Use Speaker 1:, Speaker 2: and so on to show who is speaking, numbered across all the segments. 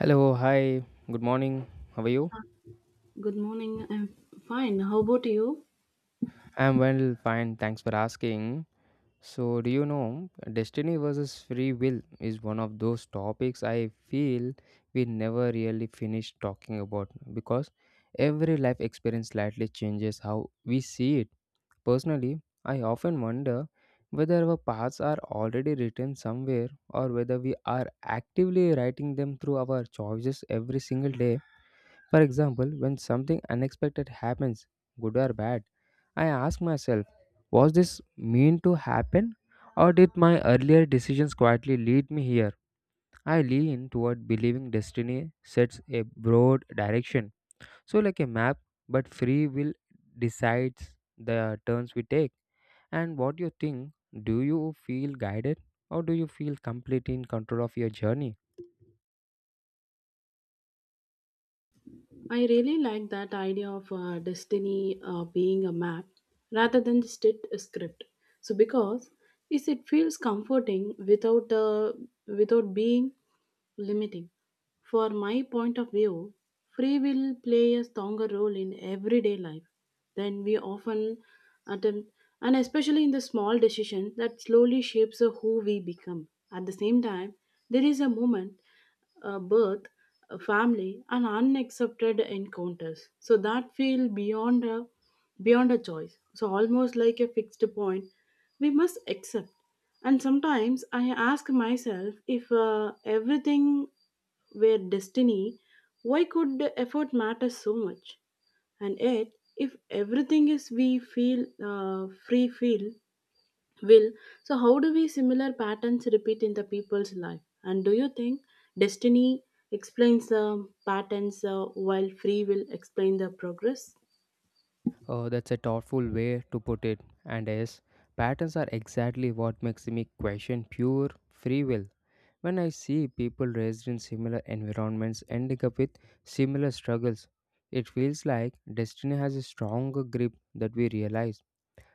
Speaker 1: Hello, hi, good morning. How are you?
Speaker 2: Good morning. I'm fine. How about you?
Speaker 1: I'm well, fine. Thanks for asking. So, do you know destiny versus free will is one of those topics I feel we never really finish talking about because every life experience slightly changes how we see it. Personally, I often wonder whether our paths are already written somewhere or whether we are actively writing them through our choices every single day For example, when something unexpected happens, good or bad, I ask myself, was this meant to happen or did my earlier decisions quietly lead me here? I lean toward believing destiny sets a broad direction. So like a map, but free will decides the turns we take. And what do you think, do you feel guided or do you feel completely in control of your journey?
Speaker 2: I really like that idea of destiny being a map rather than just it a script. So because is it feels comforting without without being limiting. For my point of view, free will play a stronger role in everyday life than we often attempt, and especially in the small decisions that slowly shapes who we become. At the same time, there is a moment birth, family, and unaccepted encounters. So that feel beyond a choice. So almost like a fixed point, we must accept. And sometimes I ask myself if everything were destiny, why could the effort matter so much? And yet, if everything is we feel free feel Will, so how do we similar patterns repeat in the people's life? And do you think destiny explains the patterns while free will explain the progress?
Speaker 1: Oh, that's a thoughtful way to put it. And yes, patterns are exactly what makes me question pure free will. When I see people raised in similar environments ending up with similar struggles, it feels like destiny has a stronger grip that we realize.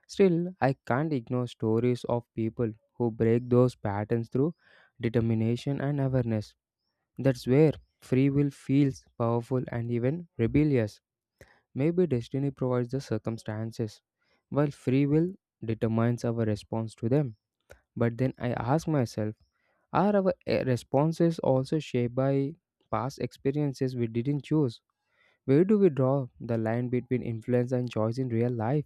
Speaker 1: Still, I can't ignore stories of people who break those patterns through determination and awareness. That's where free will feels powerful and even rebellious. Maybe destiny provides the circumstances, while free will determines our response to them. But then I ask myself, are our responses also shaped by past experiences we didn't choose? Where do we draw the line between influence and choice in real life?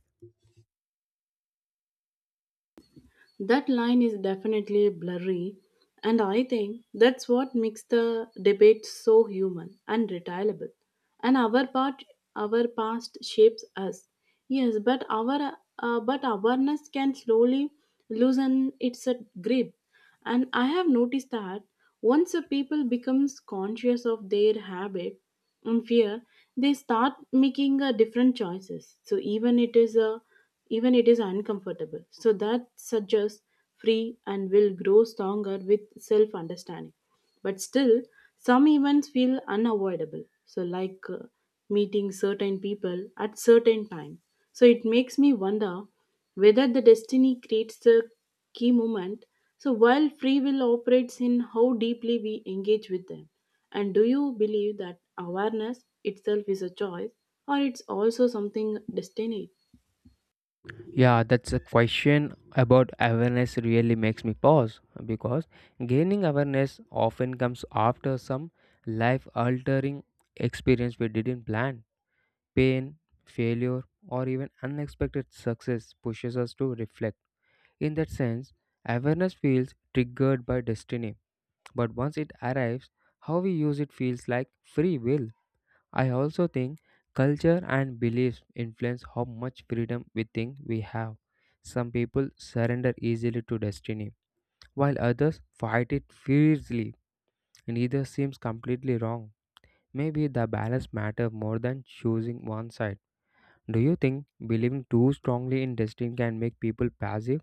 Speaker 2: That line is definitely blurry, and I think that's what makes the debate so human and retailable. And our part, our past shapes us, yes, but our but awareness can slowly loosen its grip. And I have noticed that once a people becomes conscious of their habit, and fear they start making different choices so even it is uncomfortable so that suggests free and will grow stronger with self understanding but still some events feel unavoidable so like meeting certain people at certain time so it makes me wonder whether the destiny creates the key moment. So, while free will operates in how deeply we engage with them, and do you believe that awareness itself is a choice or it's also something destined?
Speaker 1: Yeah, that's a question about awareness really makes me pause because gaining awareness often comes after some life altering experience we didn't plan Pain, failure, or even unexpected success pushes us to reflect. In that sense, awareness feels triggered by destiny, but once it arrives, how we use it feels like free will. I also think culture and beliefs influence how much freedom we think we have. Some people surrender easily to destiny, while others fight it fiercely. Neither seems completely wrong. Maybe the balance matters more than choosing one side. Do you think believing too strongly in destiny can make people passive,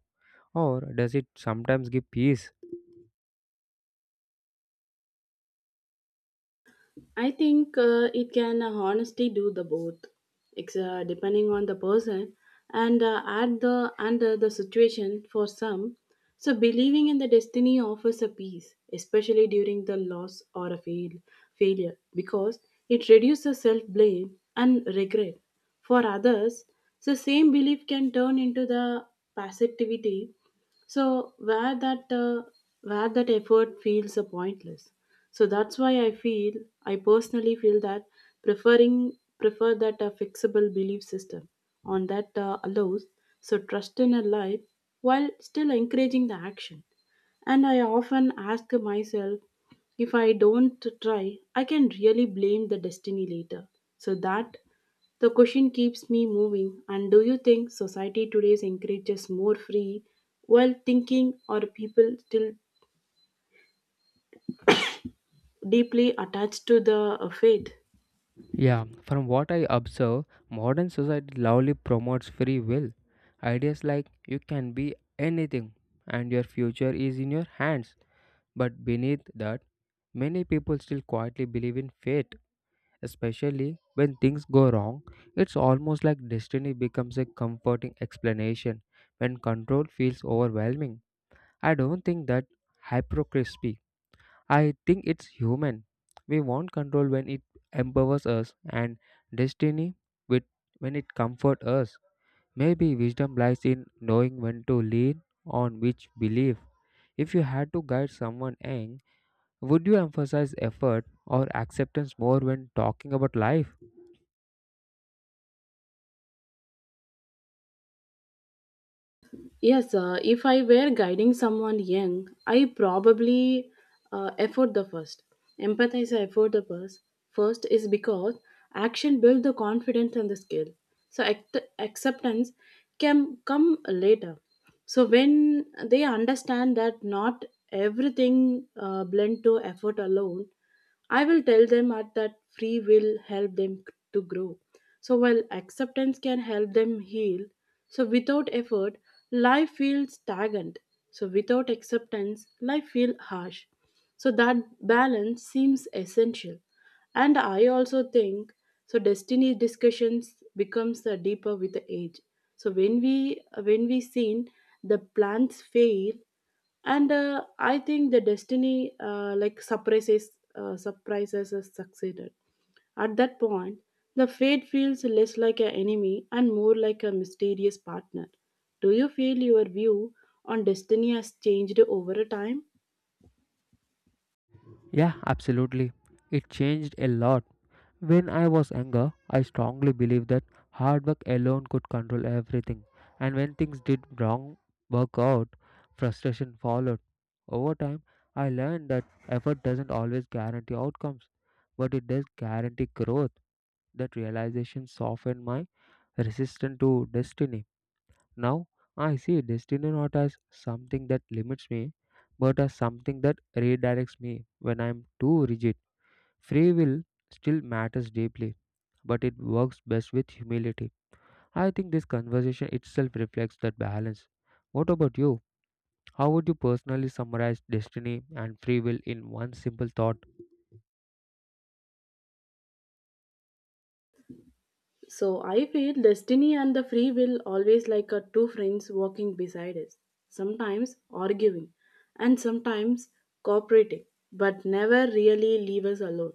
Speaker 1: or does it sometimes give peace?
Speaker 2: I think it can honestly do the both. It's depending on the person and at the under the situation for some. So believing in the destiny offers a peace, especially during the loss or a fail, failure, because it reduces self blame and regret. For others, the same belief can turn into the passivity so where that effort feels pointless so that's why I personally feel that preferring prefer that fixable belief system on that allows so trust in a life while still encouraging the action. And I often ask myself if I don't try, I can really blame the destiny later. So that the question keeps me moving. And do you think society today encourages more free, well thinking, or people still deeply attached to the fate?
Speaker 1: Yeah, from what I observe, modern society loudly promotes free will. Ideas like you can be anything and your future is in your hands. But beneath that, many people still quietly believe in fate, especially when things go wrong. It's almost like destiny becomes a comforting explanation when control feels overwhelming. I don't think that hypocrisy. I think it's human. We want control when it empowers us and destiny with when it comforts us. Maybe wisdom lies in knowing when to lean on which belief. If you had to guide someone young, would you emphasize effort or acceptance more when talking about life?
Speaker 2: Yes, if I were guiding someone young, I probably effort the first. Empathize I effort the first. First is because action builds the confidence and the skill. So acceptance can come later. So when they understand that not everything blend to effort alone, I will tell them at that free will help them to grow. So while acceptance can help them heal, so without effort, life feels stagnant. So without acceptance, life feels harsh. So that balance seems essential. And I also think so destiny discussions becomes deeper with the age. So when we seen the plans fail and I think the destiny like surprises has succeeded. At that point, the fate feels less like an enemy and more like a mysterious partner. Do you feel your view on destiny has changed over a time?
Speaker 1: Yeah, absolutely. It changed a lot When I was younger, I strongly believed that hard work alone could control everything, and when things did wrong work out, frustration followed. Over time, I learned that effort doesn't always guarantee outcomes, but it does guarantee growth. That realization softened my resistance to destiny. Now, I see destiny not as something that limits me, but as something that redirects me when I am too rigid. Free will still matters deeply but it works best with humility. I think this conversation itself reflects that balance. What about you? How would you personally summarize destiny and free will in one simple thought?
Speaker 2: So I feel destiny and the free will always like a two friends walking beside us, sometimes arguing and sometimes cooperating, but never really leave us alone.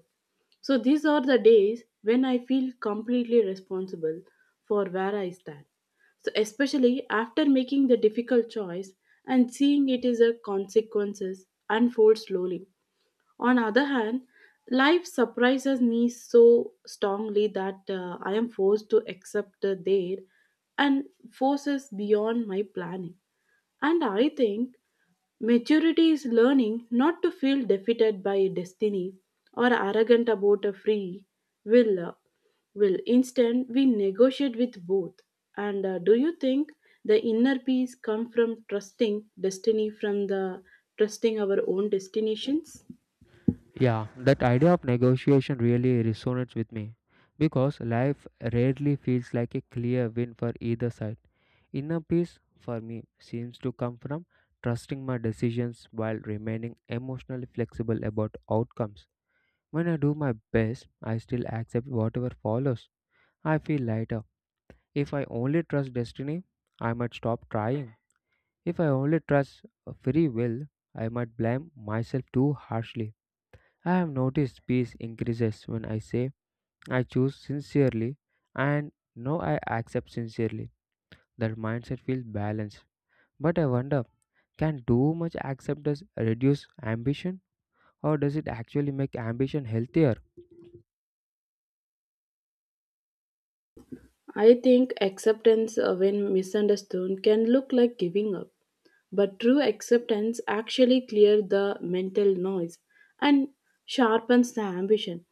Speaker 2: So these are the days when I feel completely responsible for where I stand. So especially after making the difficult choice and seeing it is a consequences unfold slowly on other hand, life surprises me so strongly that I am forced to accept their and forces beyond my planning. And I think maturity is learning not to feel defeated by destiny or arrogant about a free will. Will, instead we negotiate with both. And do you think the inner peace come from trusting destiny from the trusting our own destinations?
Speaker 1: Yeah, that idea of negotiation really resonates with me because life rarely feels like a clear win for either side. Inner peace for me seems to come from trusting my decisions while remaining emotionally flexible about outcomes. When I do my best, I still accept whatever follows. I feel lighter. If I only trust destiny, I might stop trying. If I only trust free will, I might blame myself too harshly. I have noticed peace increases when I say I choose sincerely and now I accept sincerely. That mindset feels balanced. But I wonder can too much acceptance reduce ambition or does it actually make ambition healthier?
Speaker 2: I think acceptance, when misunderstood, can look like giving up, but true acceptance actually clears the mental noise and sharpens the ambition.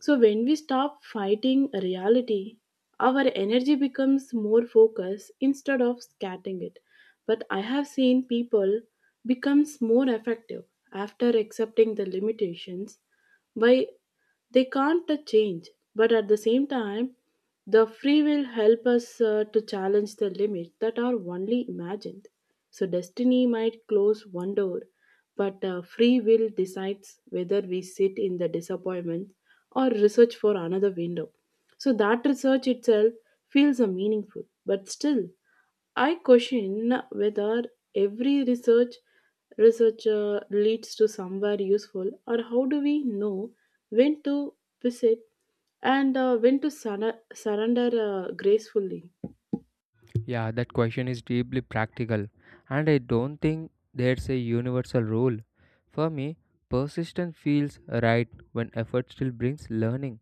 Speaker 2: So, when we stop fighting reality, our energy becomes more focused instead of scattering it. But I have seen people becomes more effective after accepting the limitations by they can't change, but at the same time the free will help us to challenge the limits that are only imagined. So destiny might close one door but free will decides whether we sit in the disappointment or research for another window. So that research itself feels meaningful but still I question whether every researcher leads to somewhere useful, or how do we know when to visit and when to surrender gracefully?
Speaker 1: Yeah, that question is deeply practical, and I don't think there's a universal rule. For me, persistence feels right when effort still brings learning.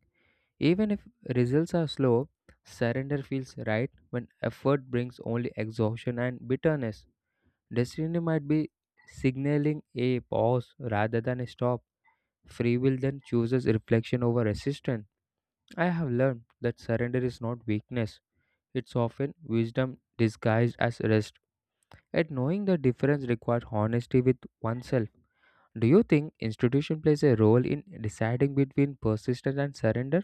Speaker 1: Even if results are slow, surrender feels right when effort brings only exhaustion and bitterness. Destiny might be signaling a pause rather than a stop. Free will then chooses reflection over resistance. I have learned that surrender is not weakness, it's often wisdom disguised as rest. At knowing the difference requires honesty with oneself. Do you think institution plays a role in deciding between persistence and surrender,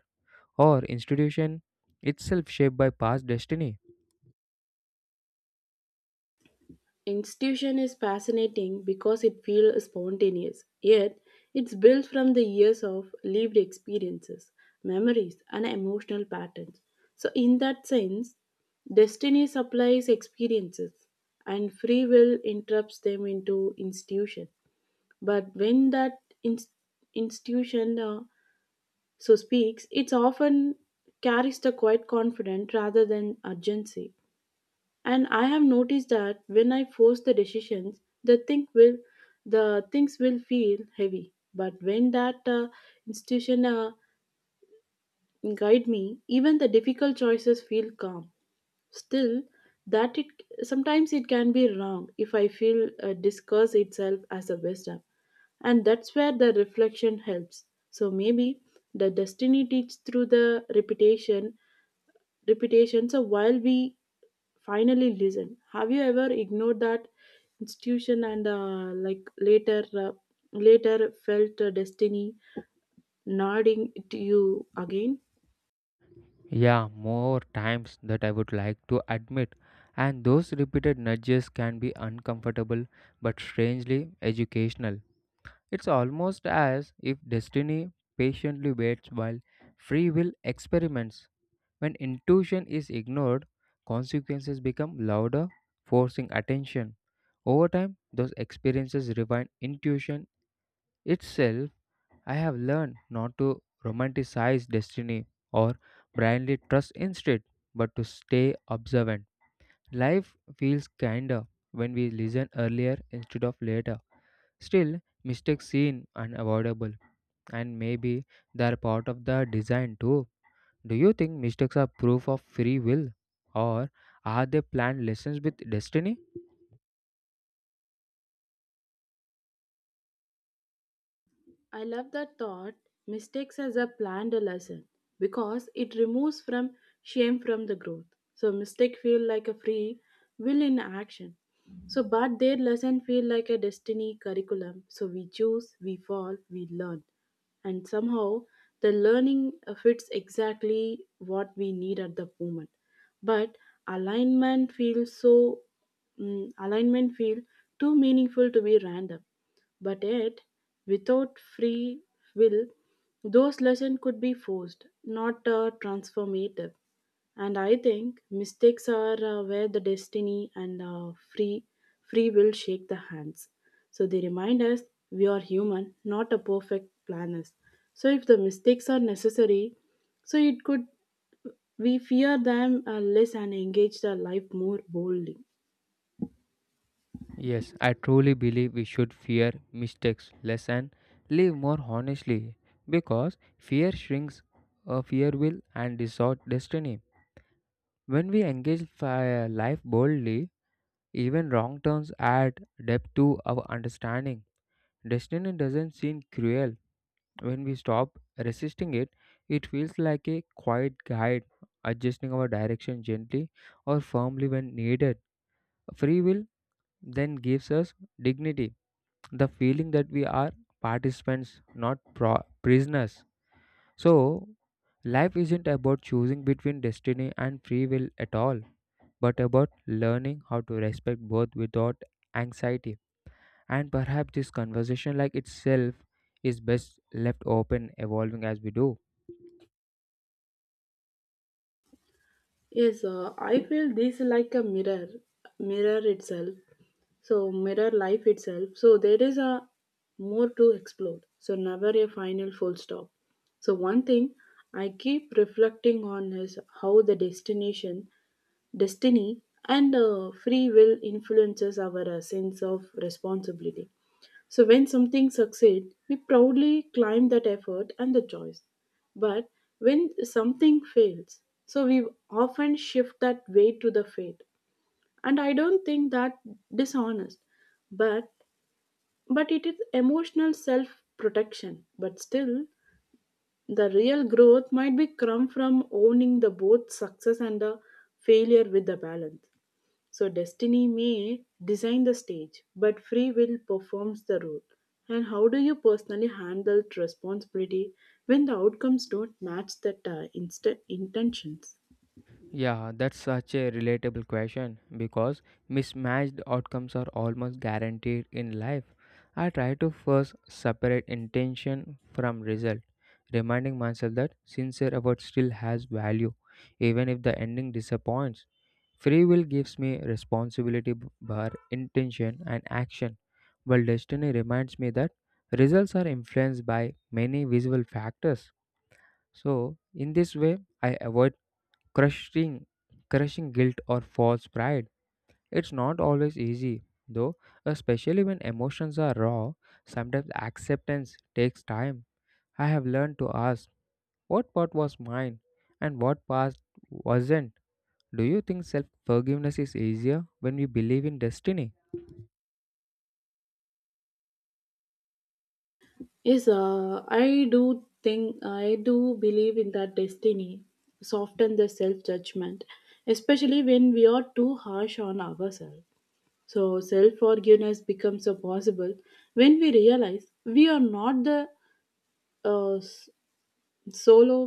Speaker 1: or institution itself shaped by past destiny?
Speaker 2: Institution is fascinating because it feels spontaneous, yet it's built from the years of lived experiences, memories, and emotional patterns. So, in that sense, destiny supplies experiences, and free will interrupts them into institution. But when that inst- institution so speaks, it often carries the quiet confidence rather than urgency. And I have noticed that when I force the decisions, the things will feel heavy. But when that institution guide me, even the difficult choices feel calm. Still, that it sometimes it can be wrong if I feel discuss itself as a wisdom, and that's where the reflection helps. So maybe the destiny teaches through the repetition reputation. So while we finally listen, have you ever ignored that institution and like later felt destiny nodding to you again?
Speaker 1: Yeah, more times that I would like to admit, and those repeated nudges can be uncomfortable but strangely educational. It's almost as if destiny patiently waits while free will experiments. When intuition is ignored, consequences become louder, forcing attention. Over time, those experiences refine intuition itself. I have learned not to romanticize destiny or blindly trust instead, but to stay observant. Life feels kinder when we listen earlier instead of later. Still, mistakes seem unavoidable, and maybe they're part of the design too. Do you think mistakes are proof of free will, or are they planned lessons with destiny?
Speaker 2: I love that thought, mistakes as a planned lesson, because it removes from shame from the growth. So mistake feel like a free will in action. So but their lesson feel like a destiny curriculum. So we choose, we fall, we learn. And somehow the learning fits exactly what we need at the moment. But alignment feels so alignment feel too meaningful to be random. But yet, without free will, those lessons could be forced, not transformative. And I think mistakes are where the destiny and free will shake the hands. So they remind us we are human, not a perfect planners. So if the mistakes are necessary, so it could we fear them less and engage the life more boldly.
Speaker 1: Yes, I truly believe we should fear mistakes less and live more honestly because fear shrinks fear will and distort destiny. When we engage life boldly, even wrong turns add depth to our understanding. Destiny doesn't seem cruel, When we stop resisting it, it feels like a quiet guide, adjusting our direction gently or firmly when needed. Free will then gives us dignity, the feeling that we are participants, not prisoners. So, life isn't about choosing between destiny and free will at all, but about learning how to respect both without anxiety. And perhaps this conversation, like itself, is best left open, evolving as we do.
Speaker 2: Yes, I feel this like a mirror itself. So mirror life itself. So there is a more to explore. So never a final full stop. So one thing I keep reflecting on is how the destination destiny and free will influences our sense of responsibility so when something succeeds we proudly claim that effort and the choice but when something fails so we often shift that weight to the fate and I don't think that dishonest but but it is emotional self protection but still the real growth might be come from owning the both success and the failure with the balance so destiny may design the stage, but free will performs the role. And how do you personally handle responsibility when the outcomes don't match that intentions?
Speaker 1: Yeah, that's such a relatable question because mismatched outcomes are almost guaranteed in life. I try to first separate intention from result, reminding myself that sincere effort still has value, even if the ending disappoints. Free will gives me responsibility for intention and action, while destiny reminds me that results are influenced by many visible factors. So, in this way, I avoid crushing crushing guilt or false pride. It's not always easy, though, especially when emotions are raw. Sometimes acceptance takes time. I have learned to ask what part was mine and what part wasn't. Do you think self forgiveness is easier when we believe in destiny?
Speaker 2: Yes, I do believe in that destiny soften the self judgment, especially when we are too harsh on ourselves. So self forgiveness becomes a possible when we realize we are not the uh, solo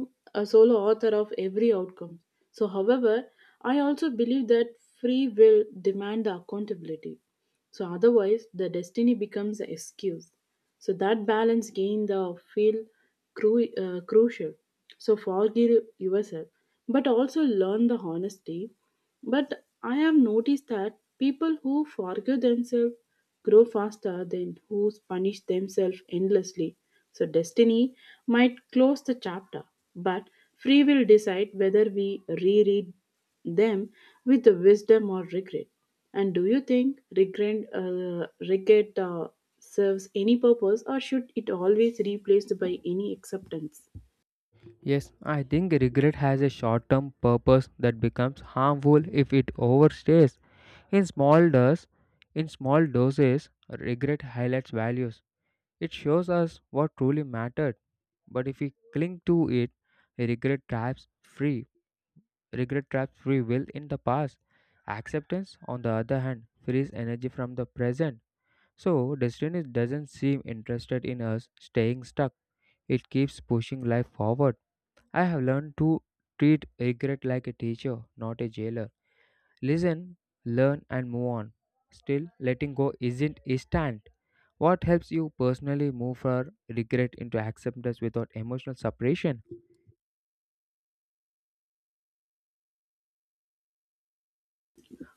Speaker 2: a solo author of every outcome. So however, I also believe that free will demand the accountability. So otherwise the destiny becomes an excuse. So that balance gain the feel crucial. So forgive yourself, but also learn the honesty but I have noticed that people who forgive themselves grow faster than who punish themselves endlessly. So destiny might close the chapter, but free will decide whether we reread them with the wisdom or regret. And do you think regret serves any purpose, or should it always replaced by any acceptance?
Speaker 1: Yes, I think regret has a short term purpose that becomes harmful if it overstays. In small doses, in small doses, regret highlights values. It shows us what truly mattered. But if we cling to it, regret traps free. regret traps free will in the past. Acceptance, on the other hand, frees energy from the present. So destiny doesn't seem interested in us staying stuck. It keeps pushing life forward. I have learned to treat regret like a teacher, not a jailer. Listen, learn, and move on. Still, letting go isn't instant. What helps you personally move from regret into acceptance without emotional separation?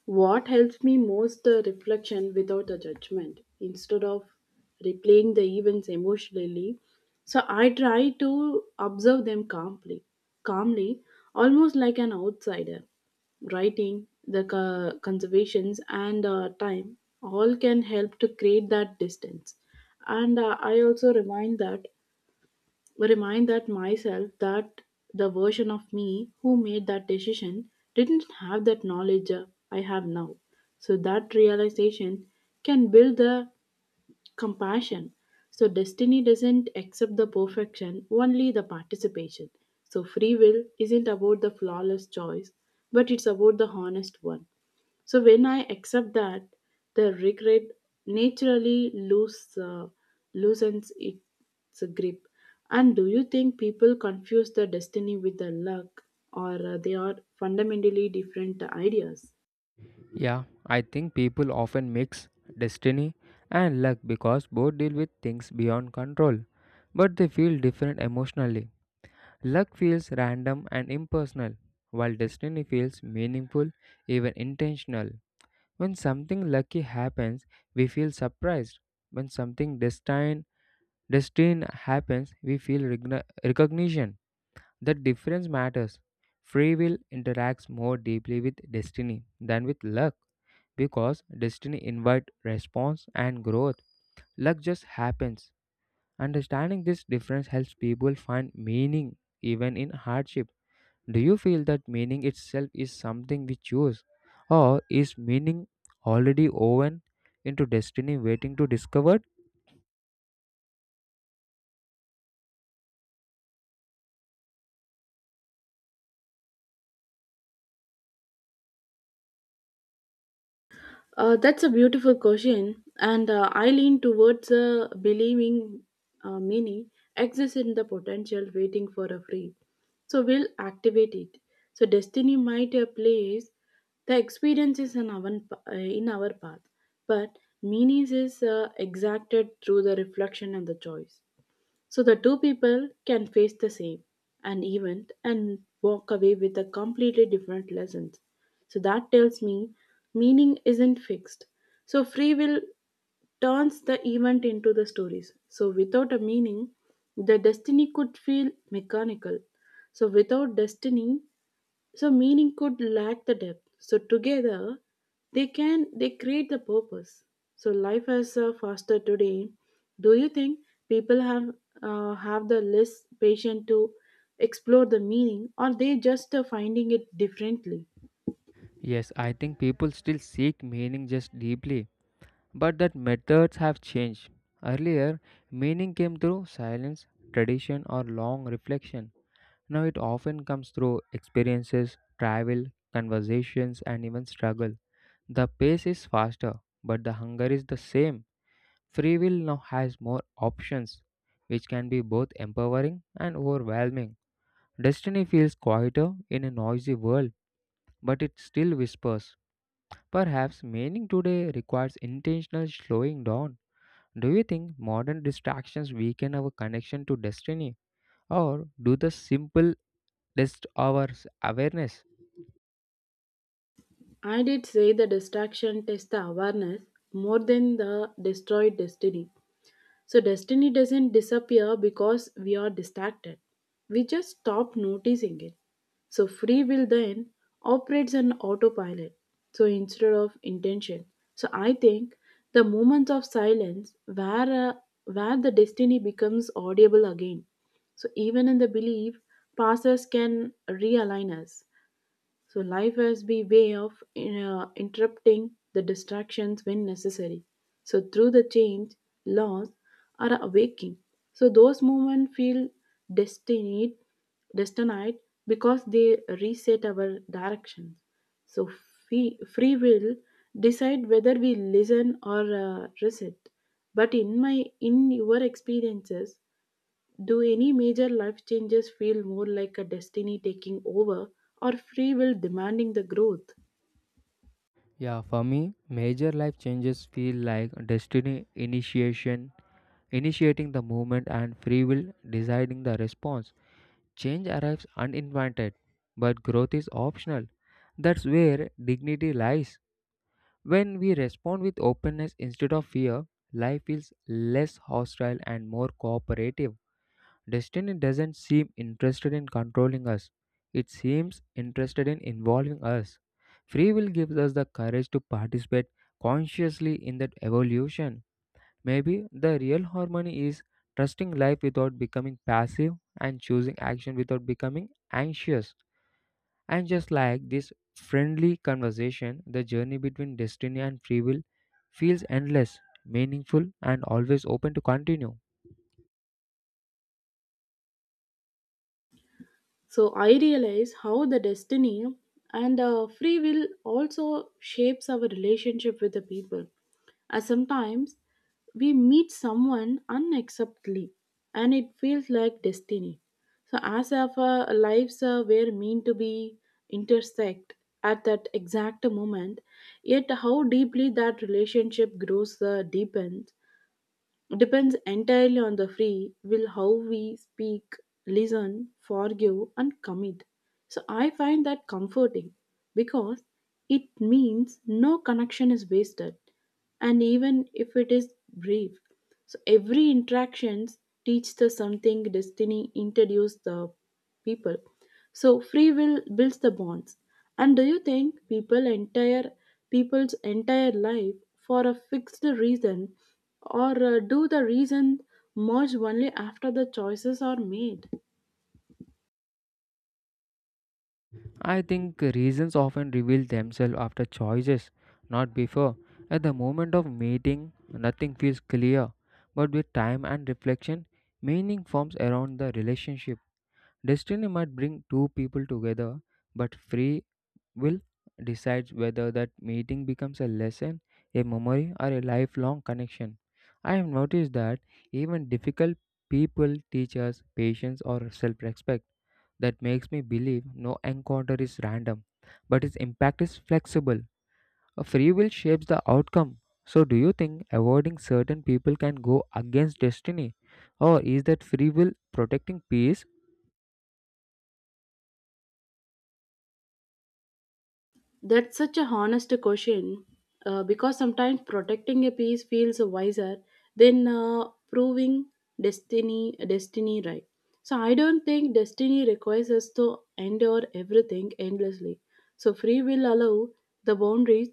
Speaker 2: What helps me most the reflection without the judgment instead of replaying the events emotionally. So I try to observe them calmly, almost like an outsider. Writing, the conservations, and time all can help to create that distance. And I also remind that myself that the version of me who made that decision didn't have that knowledge I have now. So that realization can build the compassion. So, destiny doesn't accept the perfection, only the participation. So, free will isn't about the flawless choice, but it's about the honest one. So, when I accept that, the regret naturally loosens its grip. And do you think people confuse the destiny with the luck, or they are fundamentally different ideas?
Speaker 1: Yeah, I think people often mix destiny and luck because both deal with things beyond control, but they feel different emotionally. Luck feels random and impersonal, while destiny feels meaningful, even intentional. When something lucky happens, we feel surprised. When something destined happens, we feel recognition. The difference matters. Free will interacts more deeply with destiny than with luck because destiny invites response and growth. Luck just happens. Understanding this difference helps people find meaning even in hardship. Do you feel that meaning itself is something we choose, or is meaning already woven into destiny waiting to discovered?
Speaker 2: That's a beautiful question, and I lean towards believing meaning exists in the potential waiting for a free. So we'll activate it. So destiny might place the experiences in our path, but meaning is exacted through the reflection and the choice. So the two people can face the same an event and walk away with a completely different lessons. So that tells me meaning isn't fixed. So free will turns the event into the stories. So without a meaning, the destiny could feel mechanical. So without destiny, so meaning could lack the depth, so together they create the purpose. So life as a faster today, do you think people have have the less patient to explore the meaning, or they just finding it differently?
Speaker 1: Yes, I think people still seek meaning just deeply, but that methods have changed. Earlier, meaning came through silence, tradition, or long reflection. Now it often comes through experiences, travel, conversations, and even struggle. The pace is faster, but the hunger is the same. Free will now has more options, which can be both empowering and overwhelming. Destiny feels quieter in a noisy world, but it still whispers. Perhaps meaning today requires intentional slowing down. Do you think modern distractions weaken our connection to destiny, or do the simple test our awareness?
Speaker 2: I did say the distraction test the awareness more than the destroyed destiny. So, destiny doesn't disappear because we are distracted. We just stop noticing it. So, free will then operates on autopilot. So, instead of intention. So, I think the moments of silence where the destiny becomes audible again. So, even in the belief, pastors can realign us. So life has be way of interrupting the distractions when necessary. So through the change, loss, or awaking. So those moments feel destined, destined because they reset our direction. So free will decide whether we listen or resist. But in your experiences, do any major life changes feel more like a destiny taking over or free will demanding the growth?
Speaker 1: Yeah, for me, major life changes feel like destiny initiating the movement, and free will deciding the response. Change arrives uninvited, but growth is optional. That's where dignity lies. When we respond with openness instead of fear, life feels less hostile and more cooperative. Destiny doesn't seem interested in controlling us, it seems interested in involving us. Free will gives us the courage to participate consciously in that evolution. Maybe the real harmony is trusting life without becoming passive and choosing action without becoming anxious. And just like this friendly conversation, the journey between destiny and free will feels endless, meaningful, and always open to continue.
Speaker 2: So I realize how the destiny and free will also shapes our relationship with the people. As sometimes we meet someone unacceptably and it feels like destiny. So as if our lives were meant to be intersect at that exact moment, yet how deeply that relationship grows deepens depends entirely on the free will, how we speak, listen, forgive, and commit. So I find that comforting because it means no connection is wasted, and even if it is brief. So every interactions teach the something, destiny introduced the people. So free will builds the bonds. And do you think people's entire life for a fixed reason, or do the reason merge only after the choices are made?
Speaker 1: I think reasons often reveal themselves after choices, not before. At the moment of meeting, nothing feels clear, but with time and reflection, meaning forms around the relationship Destiny might bring two people together, but free will decides whether that meeting becomes a lesson, a memory, or a lifelong connection. I have noticed that even difficult people teach us patience or self respect. That makes me believe no encounter is random, but its impact is flexible. A free will shapes the outcome. So, do you think avoiding certain people can go against destiny? Or is that free will protecting peace
Speaker 2: That's such a honest question because sometimes protecting a piece feels wiser than proving destiny right. So I don't think destiny requires us to endure everything endlessly. So free will allow the boundaries,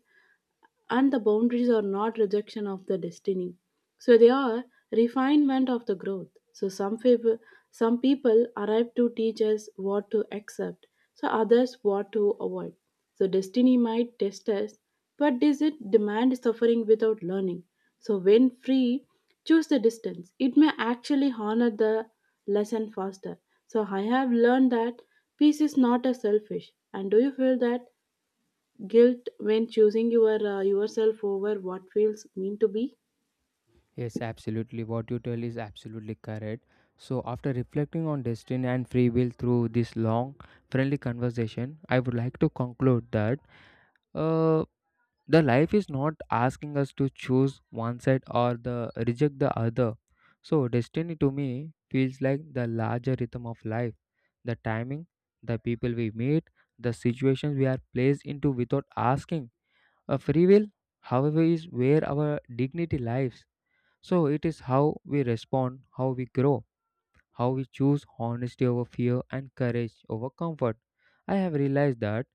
Speaker 2: and the boundaries are not rejection of the destiny, so they are refinement of the growth. So some people arrive to teach us what to accept, so others what to avoid. So destiny might test us, but does it demand suffering without learning? So when free choose the distance, it may actually honor the lesson faster. So I have learned that peace is not a selfish. And do you feel that guilt when choosing your yourself over what feels mean to be?
Speaker 1: Yes, absolutely. What you tell is absolutely correct. So, after reflecting on destiny and free will through this long, friendly conversation, I would like to conclude that uh, the life is not asking us to choose one side or the reject the other. So, destiny to me feels like the larger rhythm of life, the timing, the people we meet, the situations we are placed into without asking. A free will, however, is where our dignity lies so it is how we respond, how we grow, how we choose honesty over fear and courage over comfort. I have realized that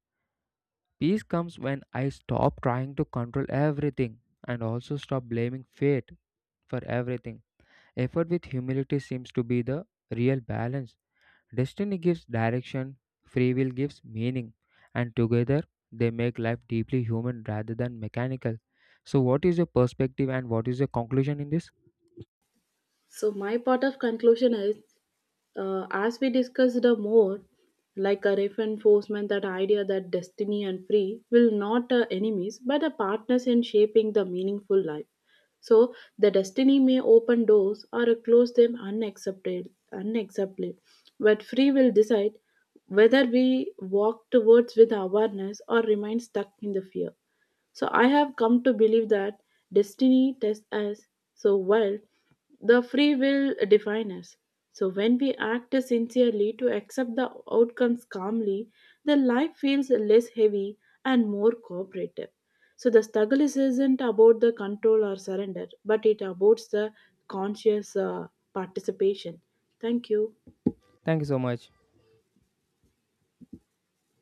Speaker 1: peace comes when I stop trying to control everything and also stop blaming fate for everything. Effort with humility seems to be the real balance. Destiny gives direction, free will gives meaning, and together they make life deeply human rather than mechanical. So, what is your perspective and what is your conclusion in this?
Speaker 2: So my part of conclusion is, as we discussed, the more like a reinforcement that idea that destiny and free will not enemies but the partners in shaping the meaningful life. So the destiny may open doors or close them unaccepted unacceptably, but free will decide whether we walk towards with awareness or remain stuck in the fear. So I have come to believe that destiny tests us so well, the free will defines us. So when we act sincerely to accept the outcomes calmly, the life feels less heavy and more cooperative. So the isn't about the control or surrender, but it about the conscious participation. Thank you.
Speaker 1: Thank you so much.